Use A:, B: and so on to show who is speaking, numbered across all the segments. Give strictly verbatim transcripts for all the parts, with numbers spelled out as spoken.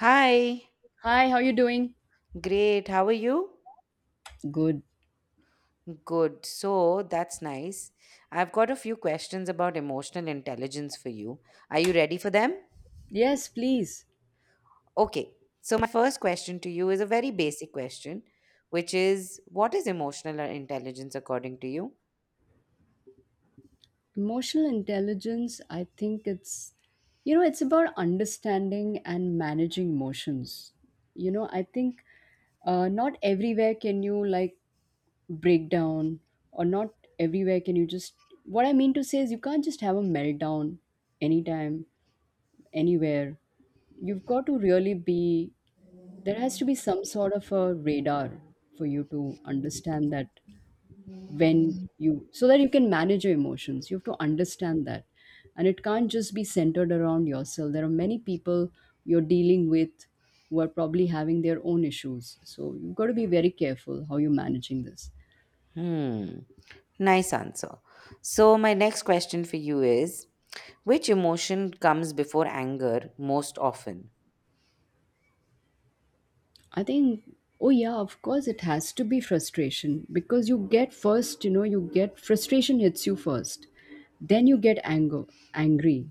A: Hi,
B: Hi, how you doing?
A: great. How are you?
B: Good.
A: Good. So that's nice. I've got a few questions about emotional intelligence for you. Are you ready for them?
B: Yes, please.
A: Okay. So, my first question to you is a very basic question, which is what is emotional intelligence according to you?
B: Emotional intelligence, I think it's you know, it's about understanding and managing emotions. You know, I think uh, Not everywhere can you like break down or not everywhere can you just what I mean to say is you can't just have a meltdown anytime, anywhere. You've got to really be There has to be some sort of a radar for you to understand that when you so that you can manage your emotions. You have to understand that, and it can't just be centered around yourself. There are many people you're dealing with who are probably having their own issues, so you've got to be very careful how you're managing this.
A: Hmm. Nice answer. So, my next question for you is which emotion comes before anger most often?
B: I think, oh yeah, of course it has to be frustration, because you get first, you know, you get frustration hits you first, then you get anger, angry,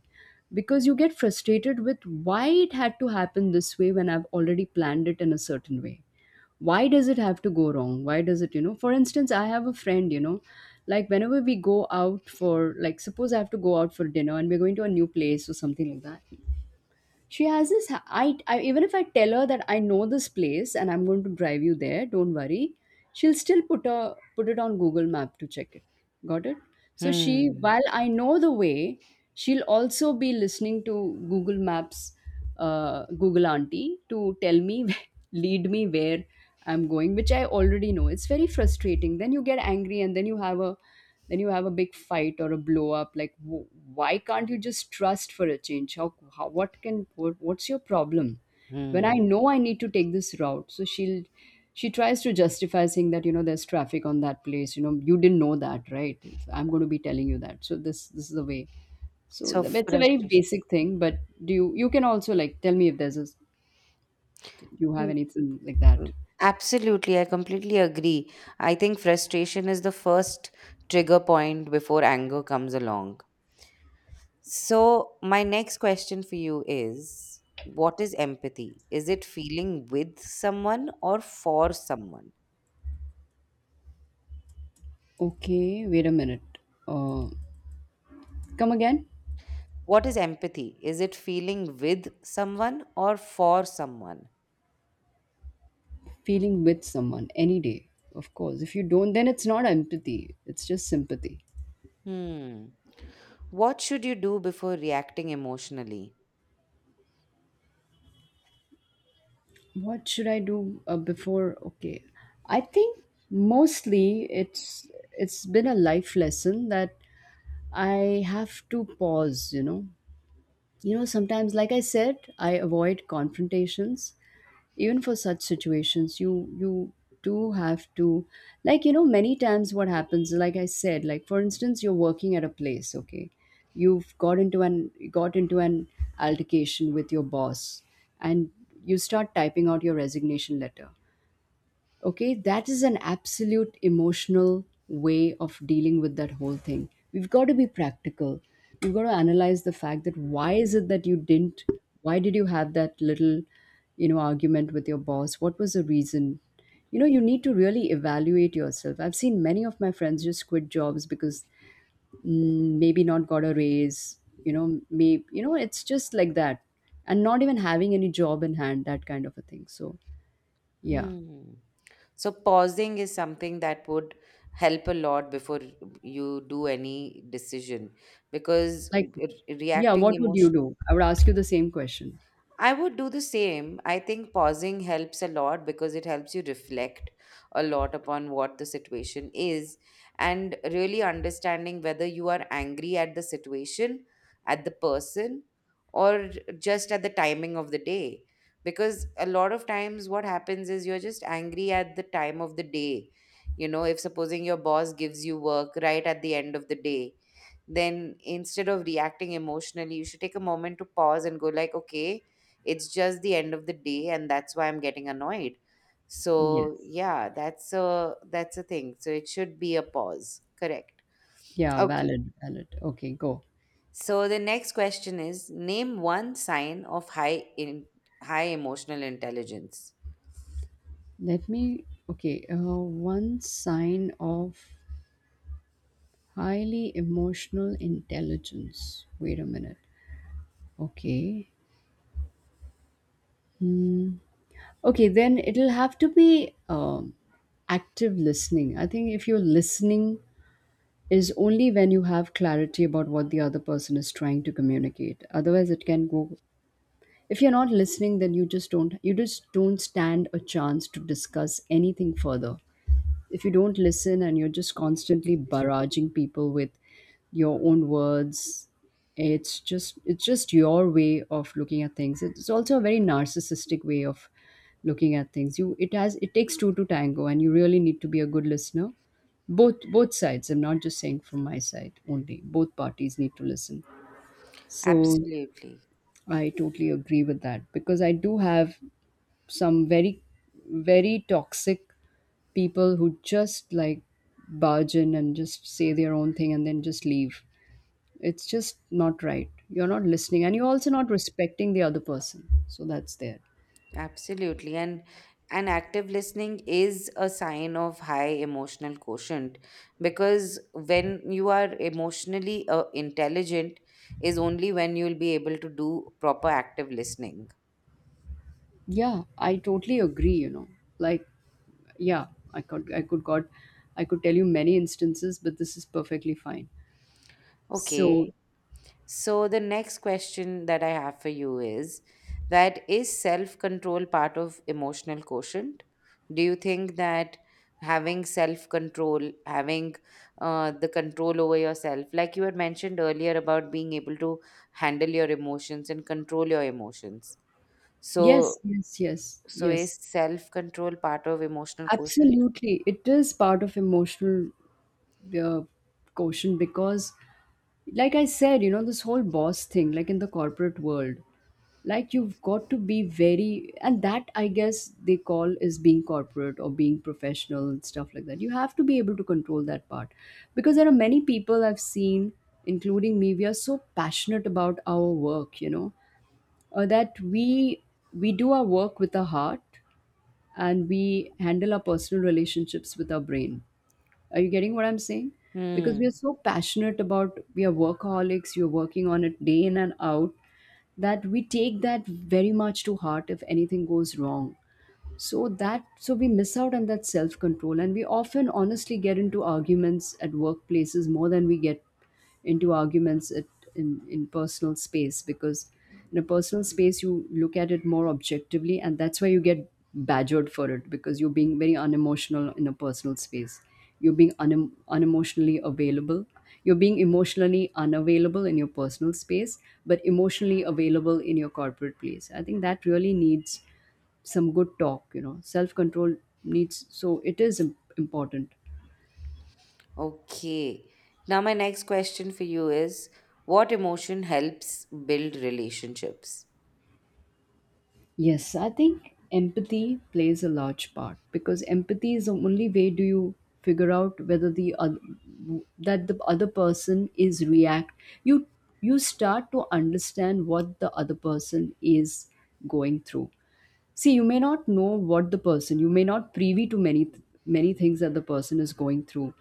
B: because you get frustrated with why it had to happen this way when I've already planned it in a certain way. Why does it have to go wrong? Why does it, you know, for instance, I have a friend, you know, like whenever we go out for, like, suppose I have to go out for dinner and we're going to a new place or something like that, she has this ha- I, I even if I tell her that I know this place and I'm going to drive you there, don't worry, she'll still put a put it on Google Map to check it. Got it. So she,
A: Hmm.
B: while I know the way, she'll also be listening to Google Maps, uh, Google auntie to tell me lead me where I'm going, which I already know. It's very frustrating, then you get angry and then you have a then you have a big fight or a blow up like w- why can't you just trust for a change? How, how what can what, what's your problem when I
A: Hmm.
B: know I need to take this route? So she'll she tries to justify saying that, you know, there's traffic on that place, you know, you didn't know that, right? It's- I'm going to be telling you that, so this this is the way. So
A: So,
B: th- it's a very
A: frustration.
B: basic thing, but do you, you can also like tell me if there's a s- you have anything like that.
A: Absolutely, I completely agree. I think frustration is the first trigger point before anger comes along. So, my next question for you is what is empathy? Is it feeling with someone or for someone?
B: Okay, wait a minute. uh, Come again.
A: What is empathy? Is it feeling with someone or for someone?
B: Feeling with someone, any day, of course. If you don't, then it's not empathy, it's just sympathy.
A: Hmm. What should you do before reacting emotionally?
B: What should I do uh, before? Okay, I think mostly it's it's been a life lesson that I have to pause, you know. You know, sometimes, like I said, I avoid confrontations. Even for such situations, you you do have to, like, you know, many times what happens, like I said, like for instance, you're working at a place, okay, you've got into an got into an altercation with your boss and you start typing out your resignation letter. Okay, that is an absolute emotional way of dealing with that whole thing. We've got to be practical, we've got to analyze the fact that why is it that you didn't why did you have that little, you know, argument with your boss? What was the reason? You know, you need to really evaluate yourself. I've seen many of my friends just quit jobs because, mm, maybe not got a raise, you know, maybe, you know, it's just like that, and not even having any job in hand, that kind of a thing. So yeah.
A: Hmm. So pausing is something that would help a lot before you do any decision because
B: Like,
A: re-
B: yeah,
A: reacting.
B: what would you do? I would ask you the same question.
A: I would do the same. I think pausing helps a lot because it helps you reflect a lot upon what the situation is and really understanding whether you are angry at the situation, at the person, or just at the timing of the day. Because a lot of times what happens is you're just angry at the time of the day. You know, if supposing your boss gives you work right at the end of the day, then instead of reacting emotionally you should take a moment to pause and go like, okay, it's just the end of the day and that's why I'm getting annoyed. So
B: Yes.
A: yeah, that's a that's a thing. So it should be a pause, correct?
B: Yeah,
A: Okay,
B: valid, valid. Okay, go.
A: so the next question is name one sign of high in high emotional intelligence.
B: Let me, okay, uh, one sign of highly emotional intelligence. Wait a minute. Okay. Okay, then it'll have to be um, active listening. I think if you're listening is only when you have clarity about what the other person is trying to communicate. Otherwise, it can go, if you're not listening, then you just don't you just don't stand a chance to discuss anything further. If you don't listen and you're just constantly barraging people with your own words, it's just it's just your way of looking at things. It's also a very narcissistic way of looking at things. You It has, it takes two to tango, and you really need to be a good listener. Both both sides, I'm not just saying from my side only, both parties need to listen. So
A: absolutely
B: I totally agree with that because I do have some very, very toxic people who just like barge in and just say their own thing and then just leave. It's just not right. You're not listening and you're also not respecting the other person. So that's there.
A: Absolutely. And and active listening is a sign of high emotional quotient because when you are emotionally uh, intelligent is only when you'll be able to do proper active listening.
B: Yeah, I totally agree, you know. Like, yeah, I could I could got I could tell you many instances, but this is perfectly fine. So
A: Okay, so the next question that I have for you is, that is self-control part of emotional quotient? Do you think that having self-control, having uh, the control over yourself, like you had mentioned earlier about being able to handle your emotions and control your emotions. So,
B: yes, yes, yes,
A: so is
B: yes.
A: self-control part of emotional quotient?
B: Absolutely. It is part of emotional uh, quotient because, like I said, you know, this whole boss thing, like in the corporate world, like you've got to be very, and that I guess they call is being corporate or being professional and stuff like that. You have to be able to control that part because there are many people I've seen, including me. We are so passionate about our work, you know, uh, that we we do our work with our heart and we handle our personal relationships with our brain. Are you getting what I'm saying? Because we
A: Hmm.
B: are so passionate about, we are workaholics, you're working on it day in and out, that we take that very much to heart if anything goes wrong. So that so we miss out on that self control, and we often honestly get into arguments at workplaces more than we get into arguments at, in in personal space. Because in a personal space you look at it more objectively, and that's why you get badgered for it, because you're being very unemotional in a personal space. You're being unem unemotionally available, you're being emotionally unavailable in your personal space but emotionally available in your corporate place. I think that really needs some good talk, you know, self control needs, so it is im- important.
A: Okay. Now, my next question for you is what emotion helps build relationships?
B: Yes, I think empathy plays a large part, because empathy is the only way do you figure out whether the other, that the other person is react you you start to understand what the other person is going through. See, you may not know what the person, you may not privy to many th- many things that the person is going through,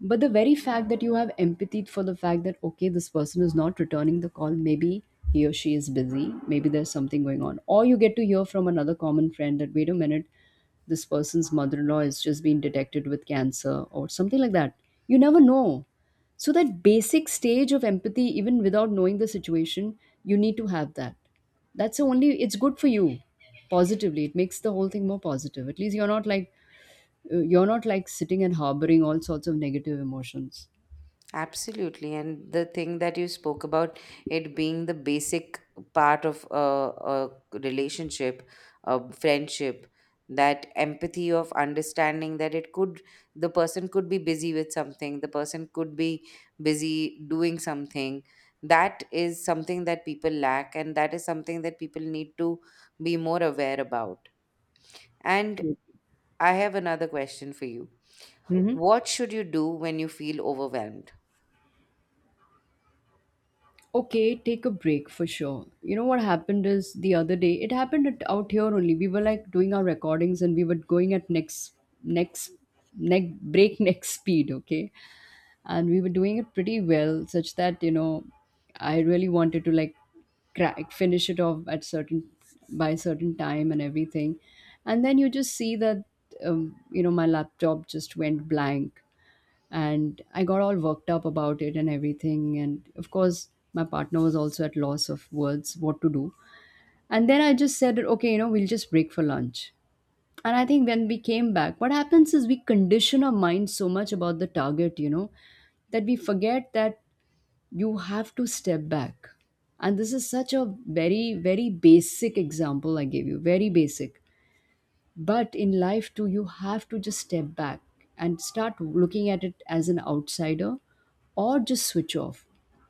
B: but the very fact that you have empathy for the fact that, okay, this person is not returning the call, maybe he or she is busy, maybe there's something going on, or you get to hear from another common friend that wait a minute, this person's mother-in-law has just been detected with cancer or something like that. You never know. So that basic stage of empathy, even without knowing the situation, you need to have that. That's the only, it's good for you, positively. It makes the whole thing more positive, at least you're not like, uh, you're not like sitting and harboring all sorts of negative emotions.
A: Absolutely. And the thing that you spoke about, it being the basic part of a, a relationship, a friendship, that empathy of understanding that it could, the person could be busy with something, the person could be busy doing something. That is something that people lack, and that is something that people need to be more aware about. And I have another question for you.
B: Mm-hmm.
A: What should you do when you feel overwhelmed?
B: Okay, take a break for sure. You know what happened is the other day, it happened at, out here only, we were like doing our recordings and we were going at next next neck breakneck speed, okay, and we were doing it pretty well such that, you know, I really wanted to like crack finish it off at certain by a certain time and everything, and then you just see that, um, you know, my laptop just went blank, and I got all worked up about it and everything. And of course, my partner was also at loss of words what to do. And then I just said, okay, you know, we'll just break for lunch. And I think when we came back, what happens is we condition our mind so much about the target, you know, that we forget that you have to step back. And this is such a very, very basic example I gave you, very basic, but in life too, you have to just step back and start looking at it as an outsider, or just switch off,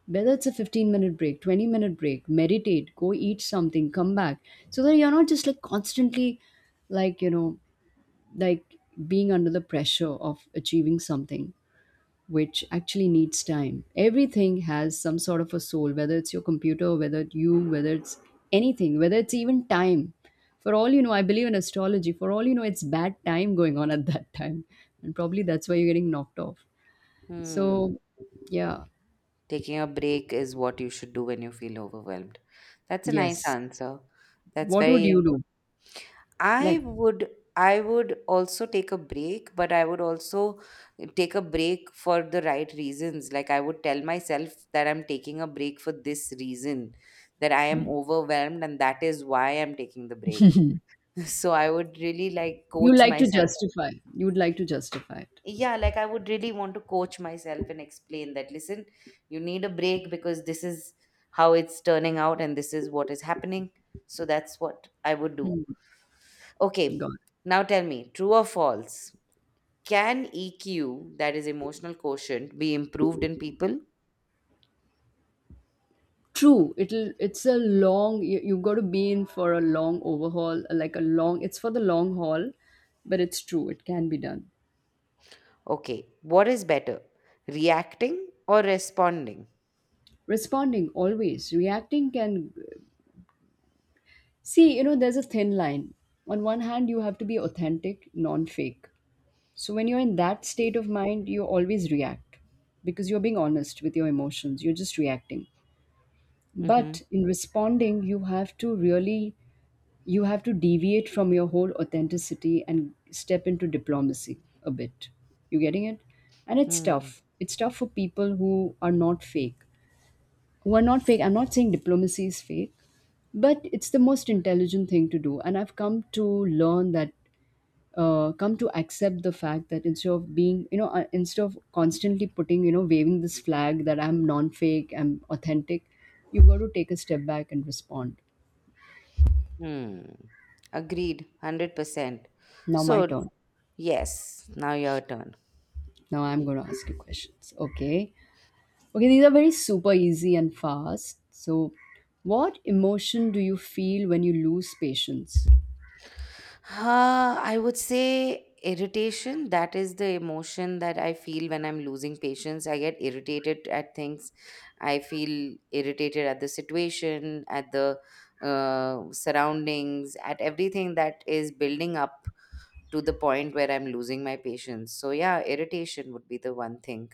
B: whether it's a fifteen minute break, twenty minute break, meditate, go eat something, come back, so that you're not just like constantly, like you know like being under the pressure of achieving something, which actually needs time. Everything has some sort of a soul, whether it's your computer, whether it's you, whether it's anything, whether it's even time. For all you know, I believe in astrology. For all you know, it's bad time going on at that time, and probably that's why you're getting knocked off.
A: Hmm.
B: So, yeah,
A: Taking a break is what you should do when you feel overwhelmed. That's a nice
B: yes.
A: answer. That's
B: What would
A: very
B: you do?
A: important. I
B: Like,
A: would I would also take a break, but I would also take a break for the right reasons. Like I would tell myself that I'm taking a break for this reason, that I am overwhelmed and that is why I'm taking the break. So I would really like
B: you
A: coach
B: like to
A: myself.
B: justify. You would like to justify it.
A: Yeah, like I would really want to coach myself and explain that listen, you need a break because this is how it's turning out and this is what is happening. So that's what I would do.
B: Hmm.
A: Okay,
B: God.
A: now tell me, true or false, can EQ, that is emotional quotient, be improved in people?
B: True, it'll it's a long you, you've got to be in for a long overhaul, like a long it's for the long haul, but it's true, it can be done.
A: Okay, what is better, reacting or responding?
B: Responding always, reacting can see, you know, there's a thin line. On one hand, you have to be authentic, non-fake. So when you're in that state of mind, you always react because you're being honest with your emotions, you're just reacting.
A: Mm-hmm.
B: But in responding, you have to really you have to deviate from your whole authenticity and step into diplomacy a bit. You getting it? And it's
A: Hmm.
B: tough. It's tough for people who are not fake. Who are not fake. I'm not saying diplomacy is fake, but it's the most intelligent thing to do. And I've come to learn that, uh, come to accept the fact that instead of being, you know, uh, instead of constantly putting, you know, waving this flag that I'm non fake, I'm authentic, you've got to take a step back and respond.
A: Hmm. Agreed, one hundred percent.
B: Now, my
A: So
B: turn.
A: yes, now your turn.
B: Now I'm going to ask you questions. Okay. Okay, these are very super easy and fast. So, what emotion do you feel when you lose patience?
A: Uh, I would say irritation. That is the emotion that I feel when I'm losing patience. I get irritated at things. I feel irritated at the situation, at the uh, surroundings, at everything that is building up to the point where I'm losing my patience. So, yeah, irritation would be the one thing.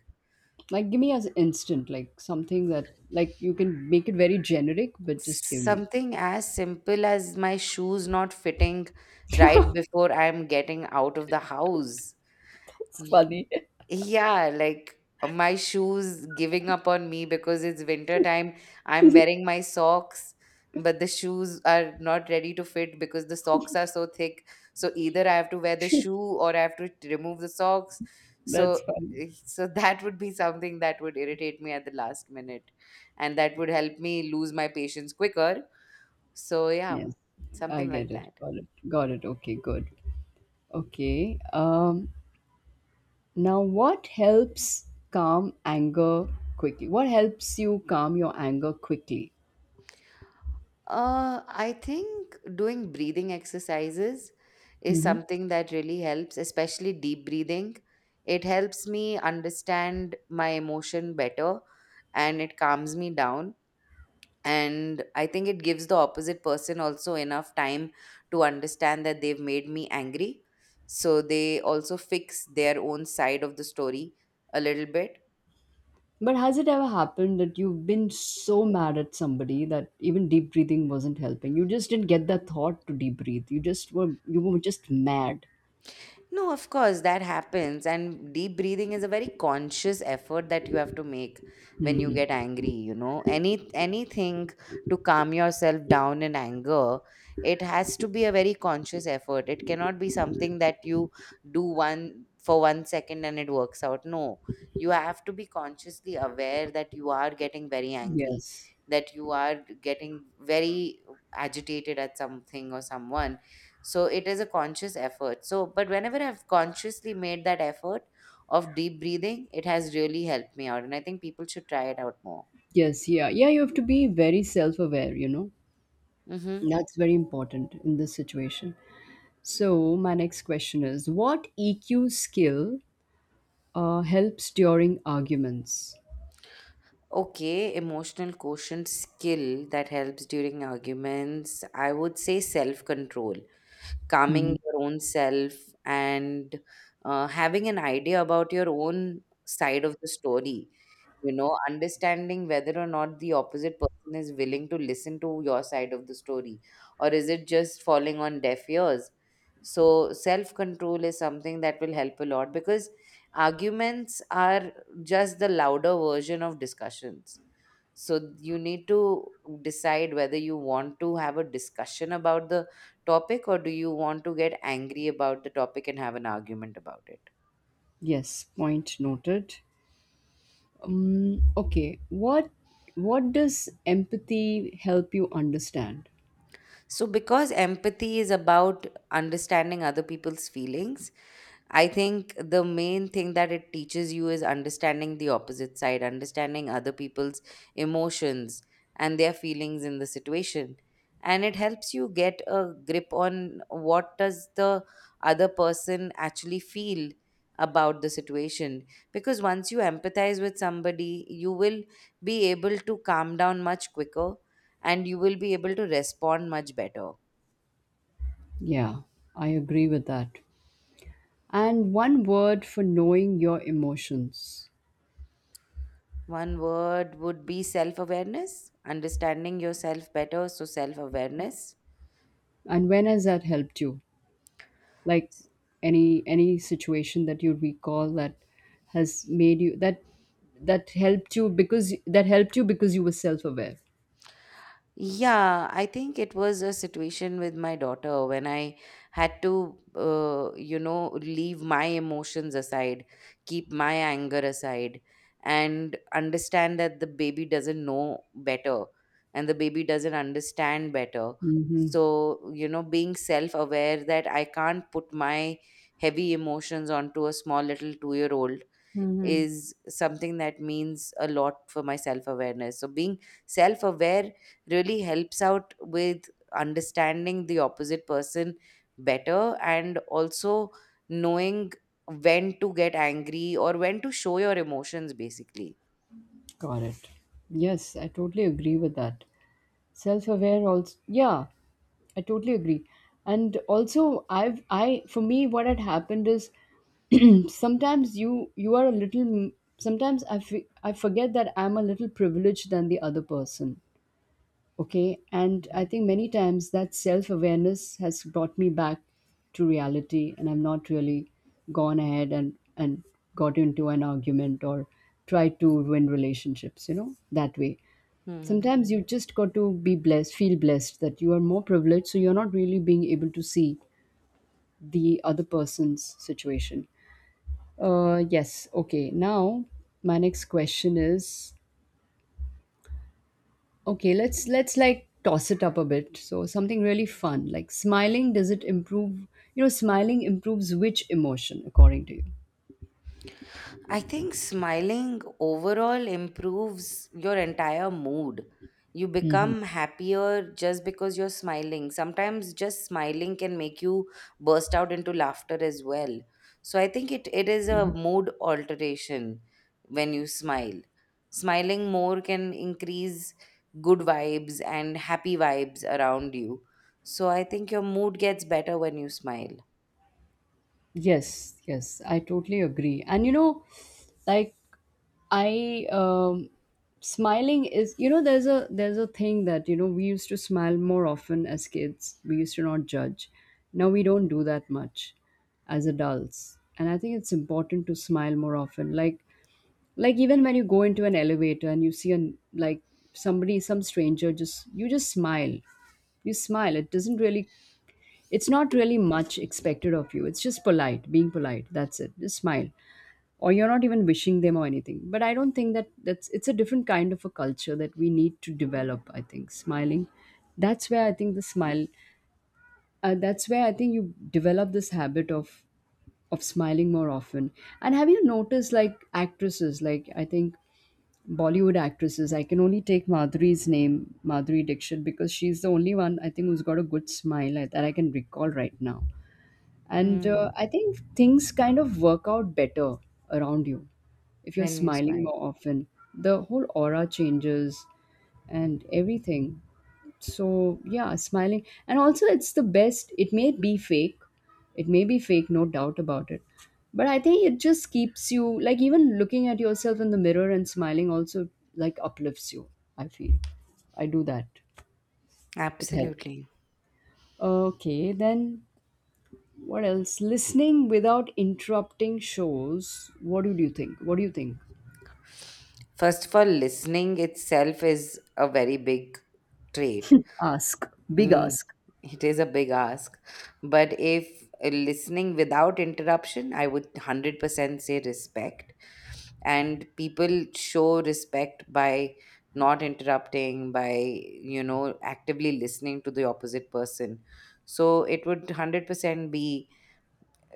B: Like, give me as instant, like something that, like, you can make it very generic, but just give me.
A: Something as simple as my shoes not fitting right before I'm getting out of the house.
B: That's funny.
A: Yeah, like uh, my shoes giving up on me because it's winter time. I'm wearing my socks, but the shoes are not ready to fit because the socks are so thick. So either I have to wear the shoe or I have to t- remove the socks.
B: That's
A: So
B: funny.
A: eh, so that would be something that would irritate me at the last minute and that would help me lose my patience quicker. So yeah,
B: Yes, I
A: something
B: get
A: like
B: it.
A: that.
B: Got it. Got it. Okay, good. Okay. Um, now, what helps calm anger quickly? What helps you calm your anger quickly?
A: Uh, I think doing breathing exercises is
B: Hmm.
A: something that really helps, especially deep breathing. It helps me understand my emotion better and it calms me down. And I think it gives the opposite person also enough time to understand that they've made me angry. So they also fix their own side of the story a little bit.
B: But has it ever happened that you've been so mad at somebody that even deep breathing wasn't helping? You just didn't get the thought to deep breathe. You just were you were just mad.
A: No, of course, that happens. And deep breathing is a very conscious effort that you have to make when you
B: Hmm.
A: get angry, you know. Any anything to calm yourself down in anger, it has to be a very conscious effort. It cannot be something that you do one for one second and it works out. No. You have to be consciously aware that you are getting very angry,
B: Yes.
A: that you are getting very agitated at something or someone, so it is a conscious effort. So, but whenever I've consciously made that effort of deep breathing, it has really helped me out. And I think people should try it out more.
B: Yes. Yeah. Yeah. You have to be very self-aware. You know
A: Mm-hmm.
B: that's very important in this situation. So my next question is: what E Q skill uh, helps during arguments?
A: Okay, emotional quotient skill that helps during arguments. I would say self control,
B: Hmm.
A: calming your own self, and uh, having an idea about your own side of the story. You know, understanding whether or not the opposite person is willing to listen to your side of the story, or is it just falling on deaf ears? So, self control is something that will help a lot because arguments are just the louder version of discussions. So, you need to decide whether you want to have a discussion about the topic or do you want to get angry about the topic and have an argument about it.
B: Yes. Point noted. Um, okay, what what does empathy help you understand?
A: So, because empathy is about understanding other people's feelings, I think the main thing that it teaches you is understanding the opposite side, understanding other people's emotions and their feelings in the situation. And it helps you get a grip on what does the other person actually feel about the situation. Because once you empathize with somebody, you will be able to calm down much quicker and you will be able to respond much better.
B: Yeah, I agree with that. And one word for knowing your emotions.
A: One word would be self awareness, understanding yourself better. So, self awareness.
B: And when has that helped you? Like any any situation that you recall that has made you that that helped you because that helped you because you were self-aware.
A: Yeah, I think it was a situation with my daughter when I had to, uh, you know, leave my emotions aside, keep my anger aside, and understand that the baby doesn't know better and the baby doesn't understand better.
B: Mm-hmm.
A: So, you know, being self aware that I can't put my heavy emotions onto a small little two year old
B: Mm-hmm.
A: is something that means a lot for my self awareness. So, being self aware really helps out with understanding the opposite person better and also knowing when to get angry or when to show your emotions, basically.
B: Got it. Yes, I totally agree with that. Self-aware also, yeah, I totally agree. And also, i've I for me, what had happened is sometimes you you are a little, sometimes i fe- I forget that I'm a little privileged than the other person. Okay, and I
A: Mhm.
B: think many times that self-awareness has brought me back to reality, and I'm not really gone ahead and and got into an argument or tried to ruin relationships, you know, that way.
A: Mhm.
B: Sometimes you just got to be blessed, feel blessed that you are more privileged, so you're not really being able to see the other person's situation. Uh yes. Okay, now my next question is, okay, let's let's like toss it up a bit. So something really fun, like smiling, does it improve, you know, smiling improves which emotion according to you?
A: I think smiling overall improves your entire mood. You become happier just because you're smiling. Sometimes just smiling can make you burst out into laughter as well. So I think it, it is a mood alteration when you smile. Smiling more can increase good vibes and happy vibes around you. So I think your mood gets better when you smile.
B: Yes, yes, I totally agree. And you know, like, I um smiling is, you know, there's a there's a thing that, you know, we used to smile more often as kids. We used to not judge. Now we don't do that much as adults. And I think it's important to smile more often. Like like even when you go into an elevator and you see an like somebody, some stranger, just you just smile, you smile, it doesn't really, it's not really much expected of you. It's just polite, being polite. That's it. Just smile. Or you're not even wishing them or anything. But I don't think that that's it's a different kind of a culture that we need to develop, I think. Smiling. That's where I think the smile uh, that's where I think you develop this habit of of smiling more often. And have you noticed, like actresses, like I think Bollywood actresses, I can only take Madhuri's name, Madhuri Dixit, because she's the only one I think who's got a good smile, like, that I can recall right now. And uh,
A: Hmm.
B: I think things kind of work out better around you. If you're
A: When you
B: smiling
A: smile.
B: more often, the whole aura changes and everything. So, yeah, smiling. And also, it's the best. It may be fake. It may be fake, no doubt about it. But I think it just keeps you, like, even looking at yourself in the mirror and smiling also, like, uplifts you, I feel. I do that. It helped.
A: Absolutely.
B: Okay, then what else? Listening without interrupting shows. What do you think? What do you think?
A: First of all, listening itself is a very big trait.
B: Ask, big
A: Mm,
B: ask.
A: it is a big ask. But if uh, listening without interruption, I would one hundred percent say respect. And people show respect by not interrupting, by, you know, actively listening to the opposite person. So it would one hundred percent be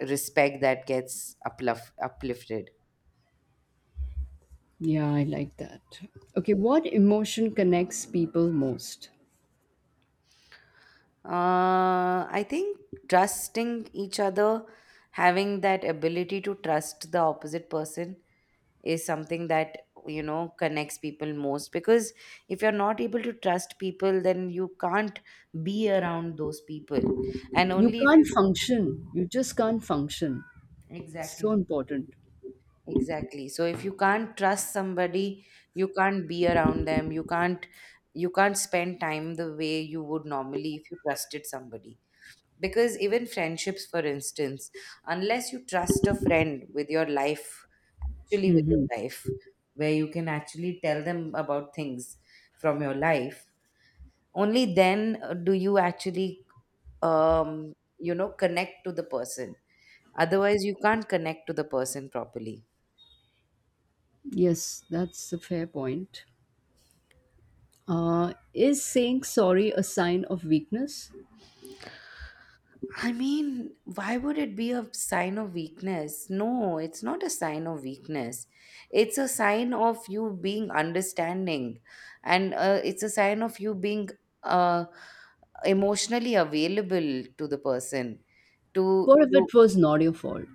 A: respect that gets uplif- uplifted.
B: Yeah, I like that. Okay, what emotion connects people most?
A: Uh, I think trusting each other, having that ability to trust the opposite person is something that, you know, connects people most. Because if you're not able to trust people, then you can't be around those people. And
B: You
A: only if
B: can't
A: you,
B: function. You just can't function. It's so
A: exactly,
B: important.
A: exactly. So if you can't trust somebody, you can't be around them. You can't, you can't spend time the way you would normally if you trusted somebody. Because even friendships, for instance, unless you trust a friend with your life, actually with your
B: Hmm.
A: life, where you can actually tell them about things from your life, only then uh, do you actually, um you know, connect to the person, otherwise you can't connect to the person properly.
B: Yes, that's a fair point. Uh, is saying sorry a sign of weakness?
A: I mean, why would it be a sign of weakness? No, it's not a sign of weakness. It's a sign of you being understanding, and uh, it's a sign of you being uh, emotionally available to the person, to
B: What if
A: to
B: it was not your fault?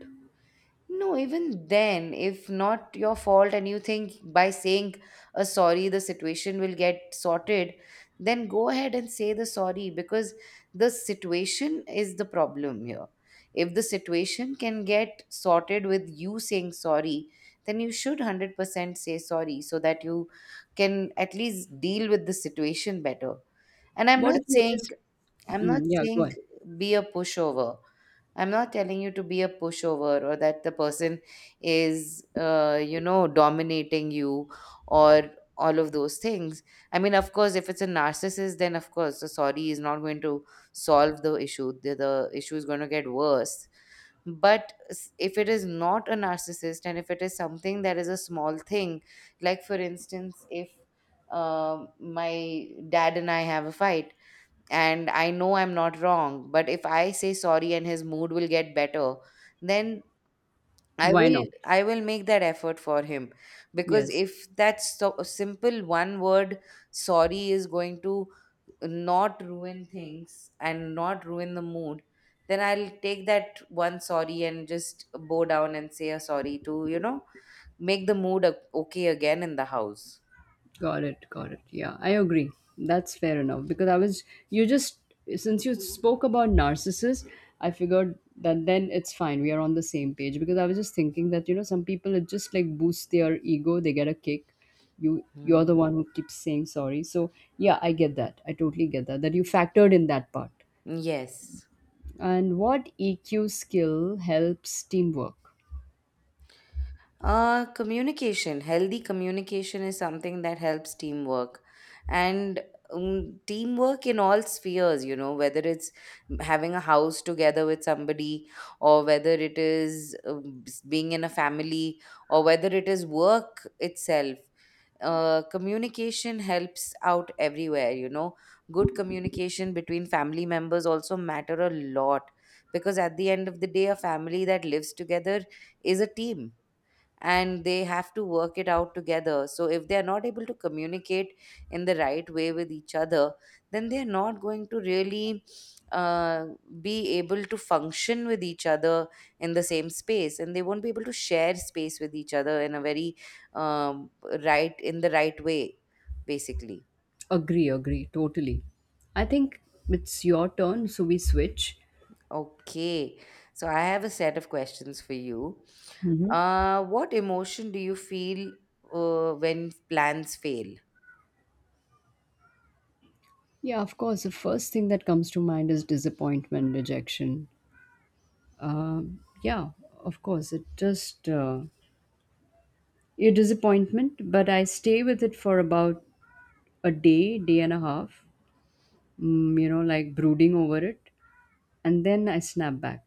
A: No, even then, if not your fault and you think by saying a sorry the situation will get sorted, then go ahead and say the sorry because the situation is the problem here. If the situation can get sorted with you saying sorry, then you should one hundred percent say sorry so that you can at least deal with the situation better. And I'm
B: What
A: not
B: if you're
A: saying,
B: just.
A: I'm
B: Mm,
A: not
B: yeah, go
A: saying
B: ahead.
A: be a pushover. I'm not telling you to be a pushover or that the person is, uh, you know, dominating you, or all of those things. I mean, of course, if it's a narcissist, then of course, the sorry is not going to solve the issue. The, the issue is going to get worse. But s- if it is not a narcissist and if it is something that is a small thing, like for instance, if um my dad and I have a fight, and I know I'm not wrong, but if I say sorry and his mood will get better, then I
B: Why
A: will
B: not?
A: I will make that effort for him, because
B: Yes.
A: if that so simple one word sorry is going to not ruin things and not ruin the mood, then I'll take that one sorry and just bow down and say a sorry to, you know, make the mood o- okay again in the house.
B: Got it, got it. Yeah, I agree. That's fair enough because I was you just, since you spoke about narcissists, I figured that then it's fine. We are on the same page because I was just thinking that, you know, some people it just like boosts their ego. They get a kick. You you're
A: Hmm.
B: the one who keeps saying sorry. So yeah, I get that. I totally get that that you factored in that part.
A: Yes.
B: And what E Q skill helps teamwork?
A: Uh, communication, healthy communication is something that helps teamwork. And um, teamwork in all spheres, you know, whether it's having a house together with somebody, or whether it is um, s- being in a family, or whether it is work itself. Uh, communication helps out everywhere, you know. Good communication between family members also matter a lot because at the end of the day, a family that lives together is a team and they have to work it out together. So, if they are not able to communicate in the right way with each other, then they are not going to really uh, be able to function with each other in the same space, and they won't be able to share space with each other in a very um, right in the right way, basically.
B: Agree, agree, totally. I think it's your turn, so we switch.
A: Okay, so I have a set of questions for you.
B: Hmm.
A: Uh, what emotion do you feel uh, when plans fail?
B: Yeah, of course. The first thing that comes to mind is disappointment, rejection. Um, yeah, of course. It just uh, a disappointment, but I stay with it for about a day, day and a half. Mm, you know, like brooding over it, and then I snap back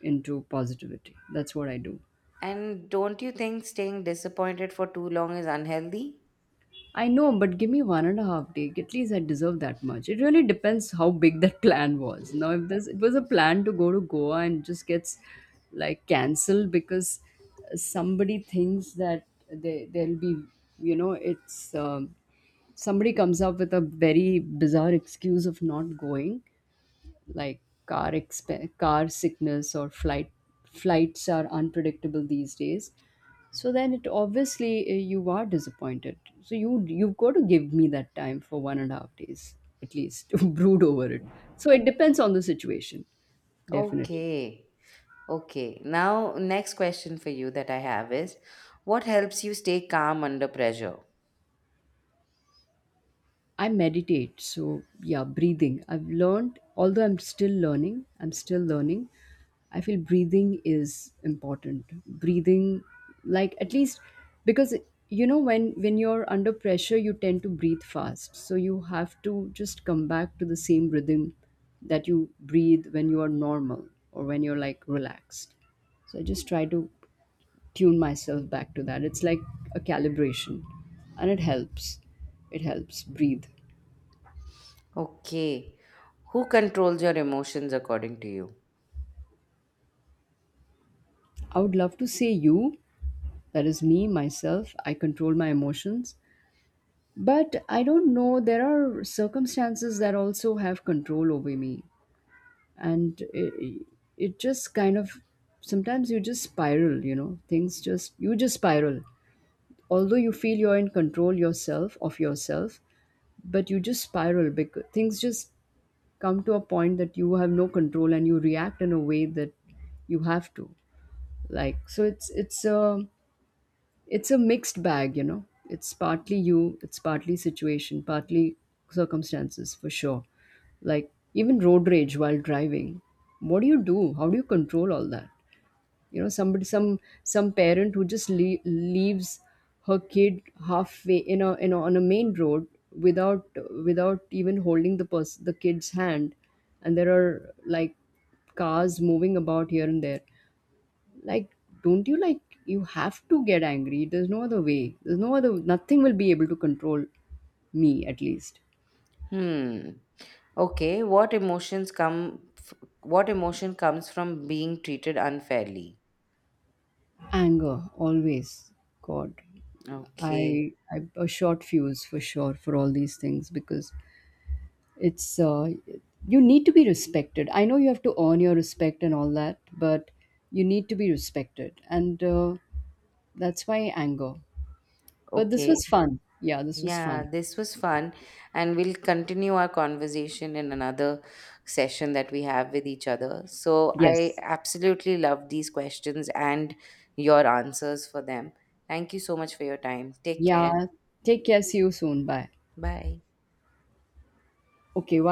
B: into positivity. That's what I do.
A: And don't you think staying disappointed for too long is unhealthy?
B: I know, but give me one and a half day. At least I deserve that much. It really depends how big that plan was. Now, if this it was a plan to go to Goa and just gets like cancelled because uh, somebody thinks that they there'll be, you know, it's um, somebody comes up with a very bizarre excuse of not going, like car exp- car sickness or flight flights are unpredictable these days. So then it obviously, uh, you are disappointed, so you you've got to give me that time for one and a half days at least to brood over it. So it depends on the situation, definitely.
A: Okay. Okay. Now, next question for you that I have is what helps you stay calm under pressure?
B: I meditate. So, yeah, breathing. I've learned, although I'm still learning, I'm still learning. I feel breathing is important. Breathing, like at least, because, you know, when when you're under pressure you tend to breathe fast, so you have to just come back to the same rhythm that you breathe when you are normal or when you're like relaxed. So I just try to tune myself back to that. It's like a calibration, and it helps, it helps breathe.
A: Okay. Who controls your emotions according to you?
B: I would love to say you, that is me, myself, I control my emotions. But I don't know, there are circumstances that also have control over me. And it, it just kind of, sometimes you just spiral, you know, things just, you just spiral. Although you feel you're in control yourself, of yourself, but you just spiral because things just come to a point that you have no control and you react in a way that you have to, like. So it's it's a it's a mixed bag, you know. It's partly you, it's partly situation, partly circumstances for sure. Like even road rage while driving. What do you do? How do you control all that? You know, somebody, some some parent who just le- leaves her kid halfway in a in a, on a main road without without even holding the person the kid's hand, and there are like cars moving about here and there, like, don't you, like, you have to get angry. There's no other way, there's no other, nothing will be able to control me, at least.
A: Hmm. Okay. What emotions come f- what emotion comes from being treated unfairly?
B: Anger always. God.
A: Okay.
B: I i'm a short fuse for sure for all these things because it's, uh, you need to be respected. I know you have to earn your respect and all that, but you need to be respected, and uh, that's why anger. But this
A: Okay.
B: was fun, yeah, this was
A: Yeah,
B: fun.
A: this was fun. And we'll continue our conversation in another session that we have with each other. So I
B: Yes,
A: absolutely love these questions and your answers for them. Thank you so much for your time. Take care.
B: yeah, take care, see you soon, bye.
A: Bye.
B: Okay, while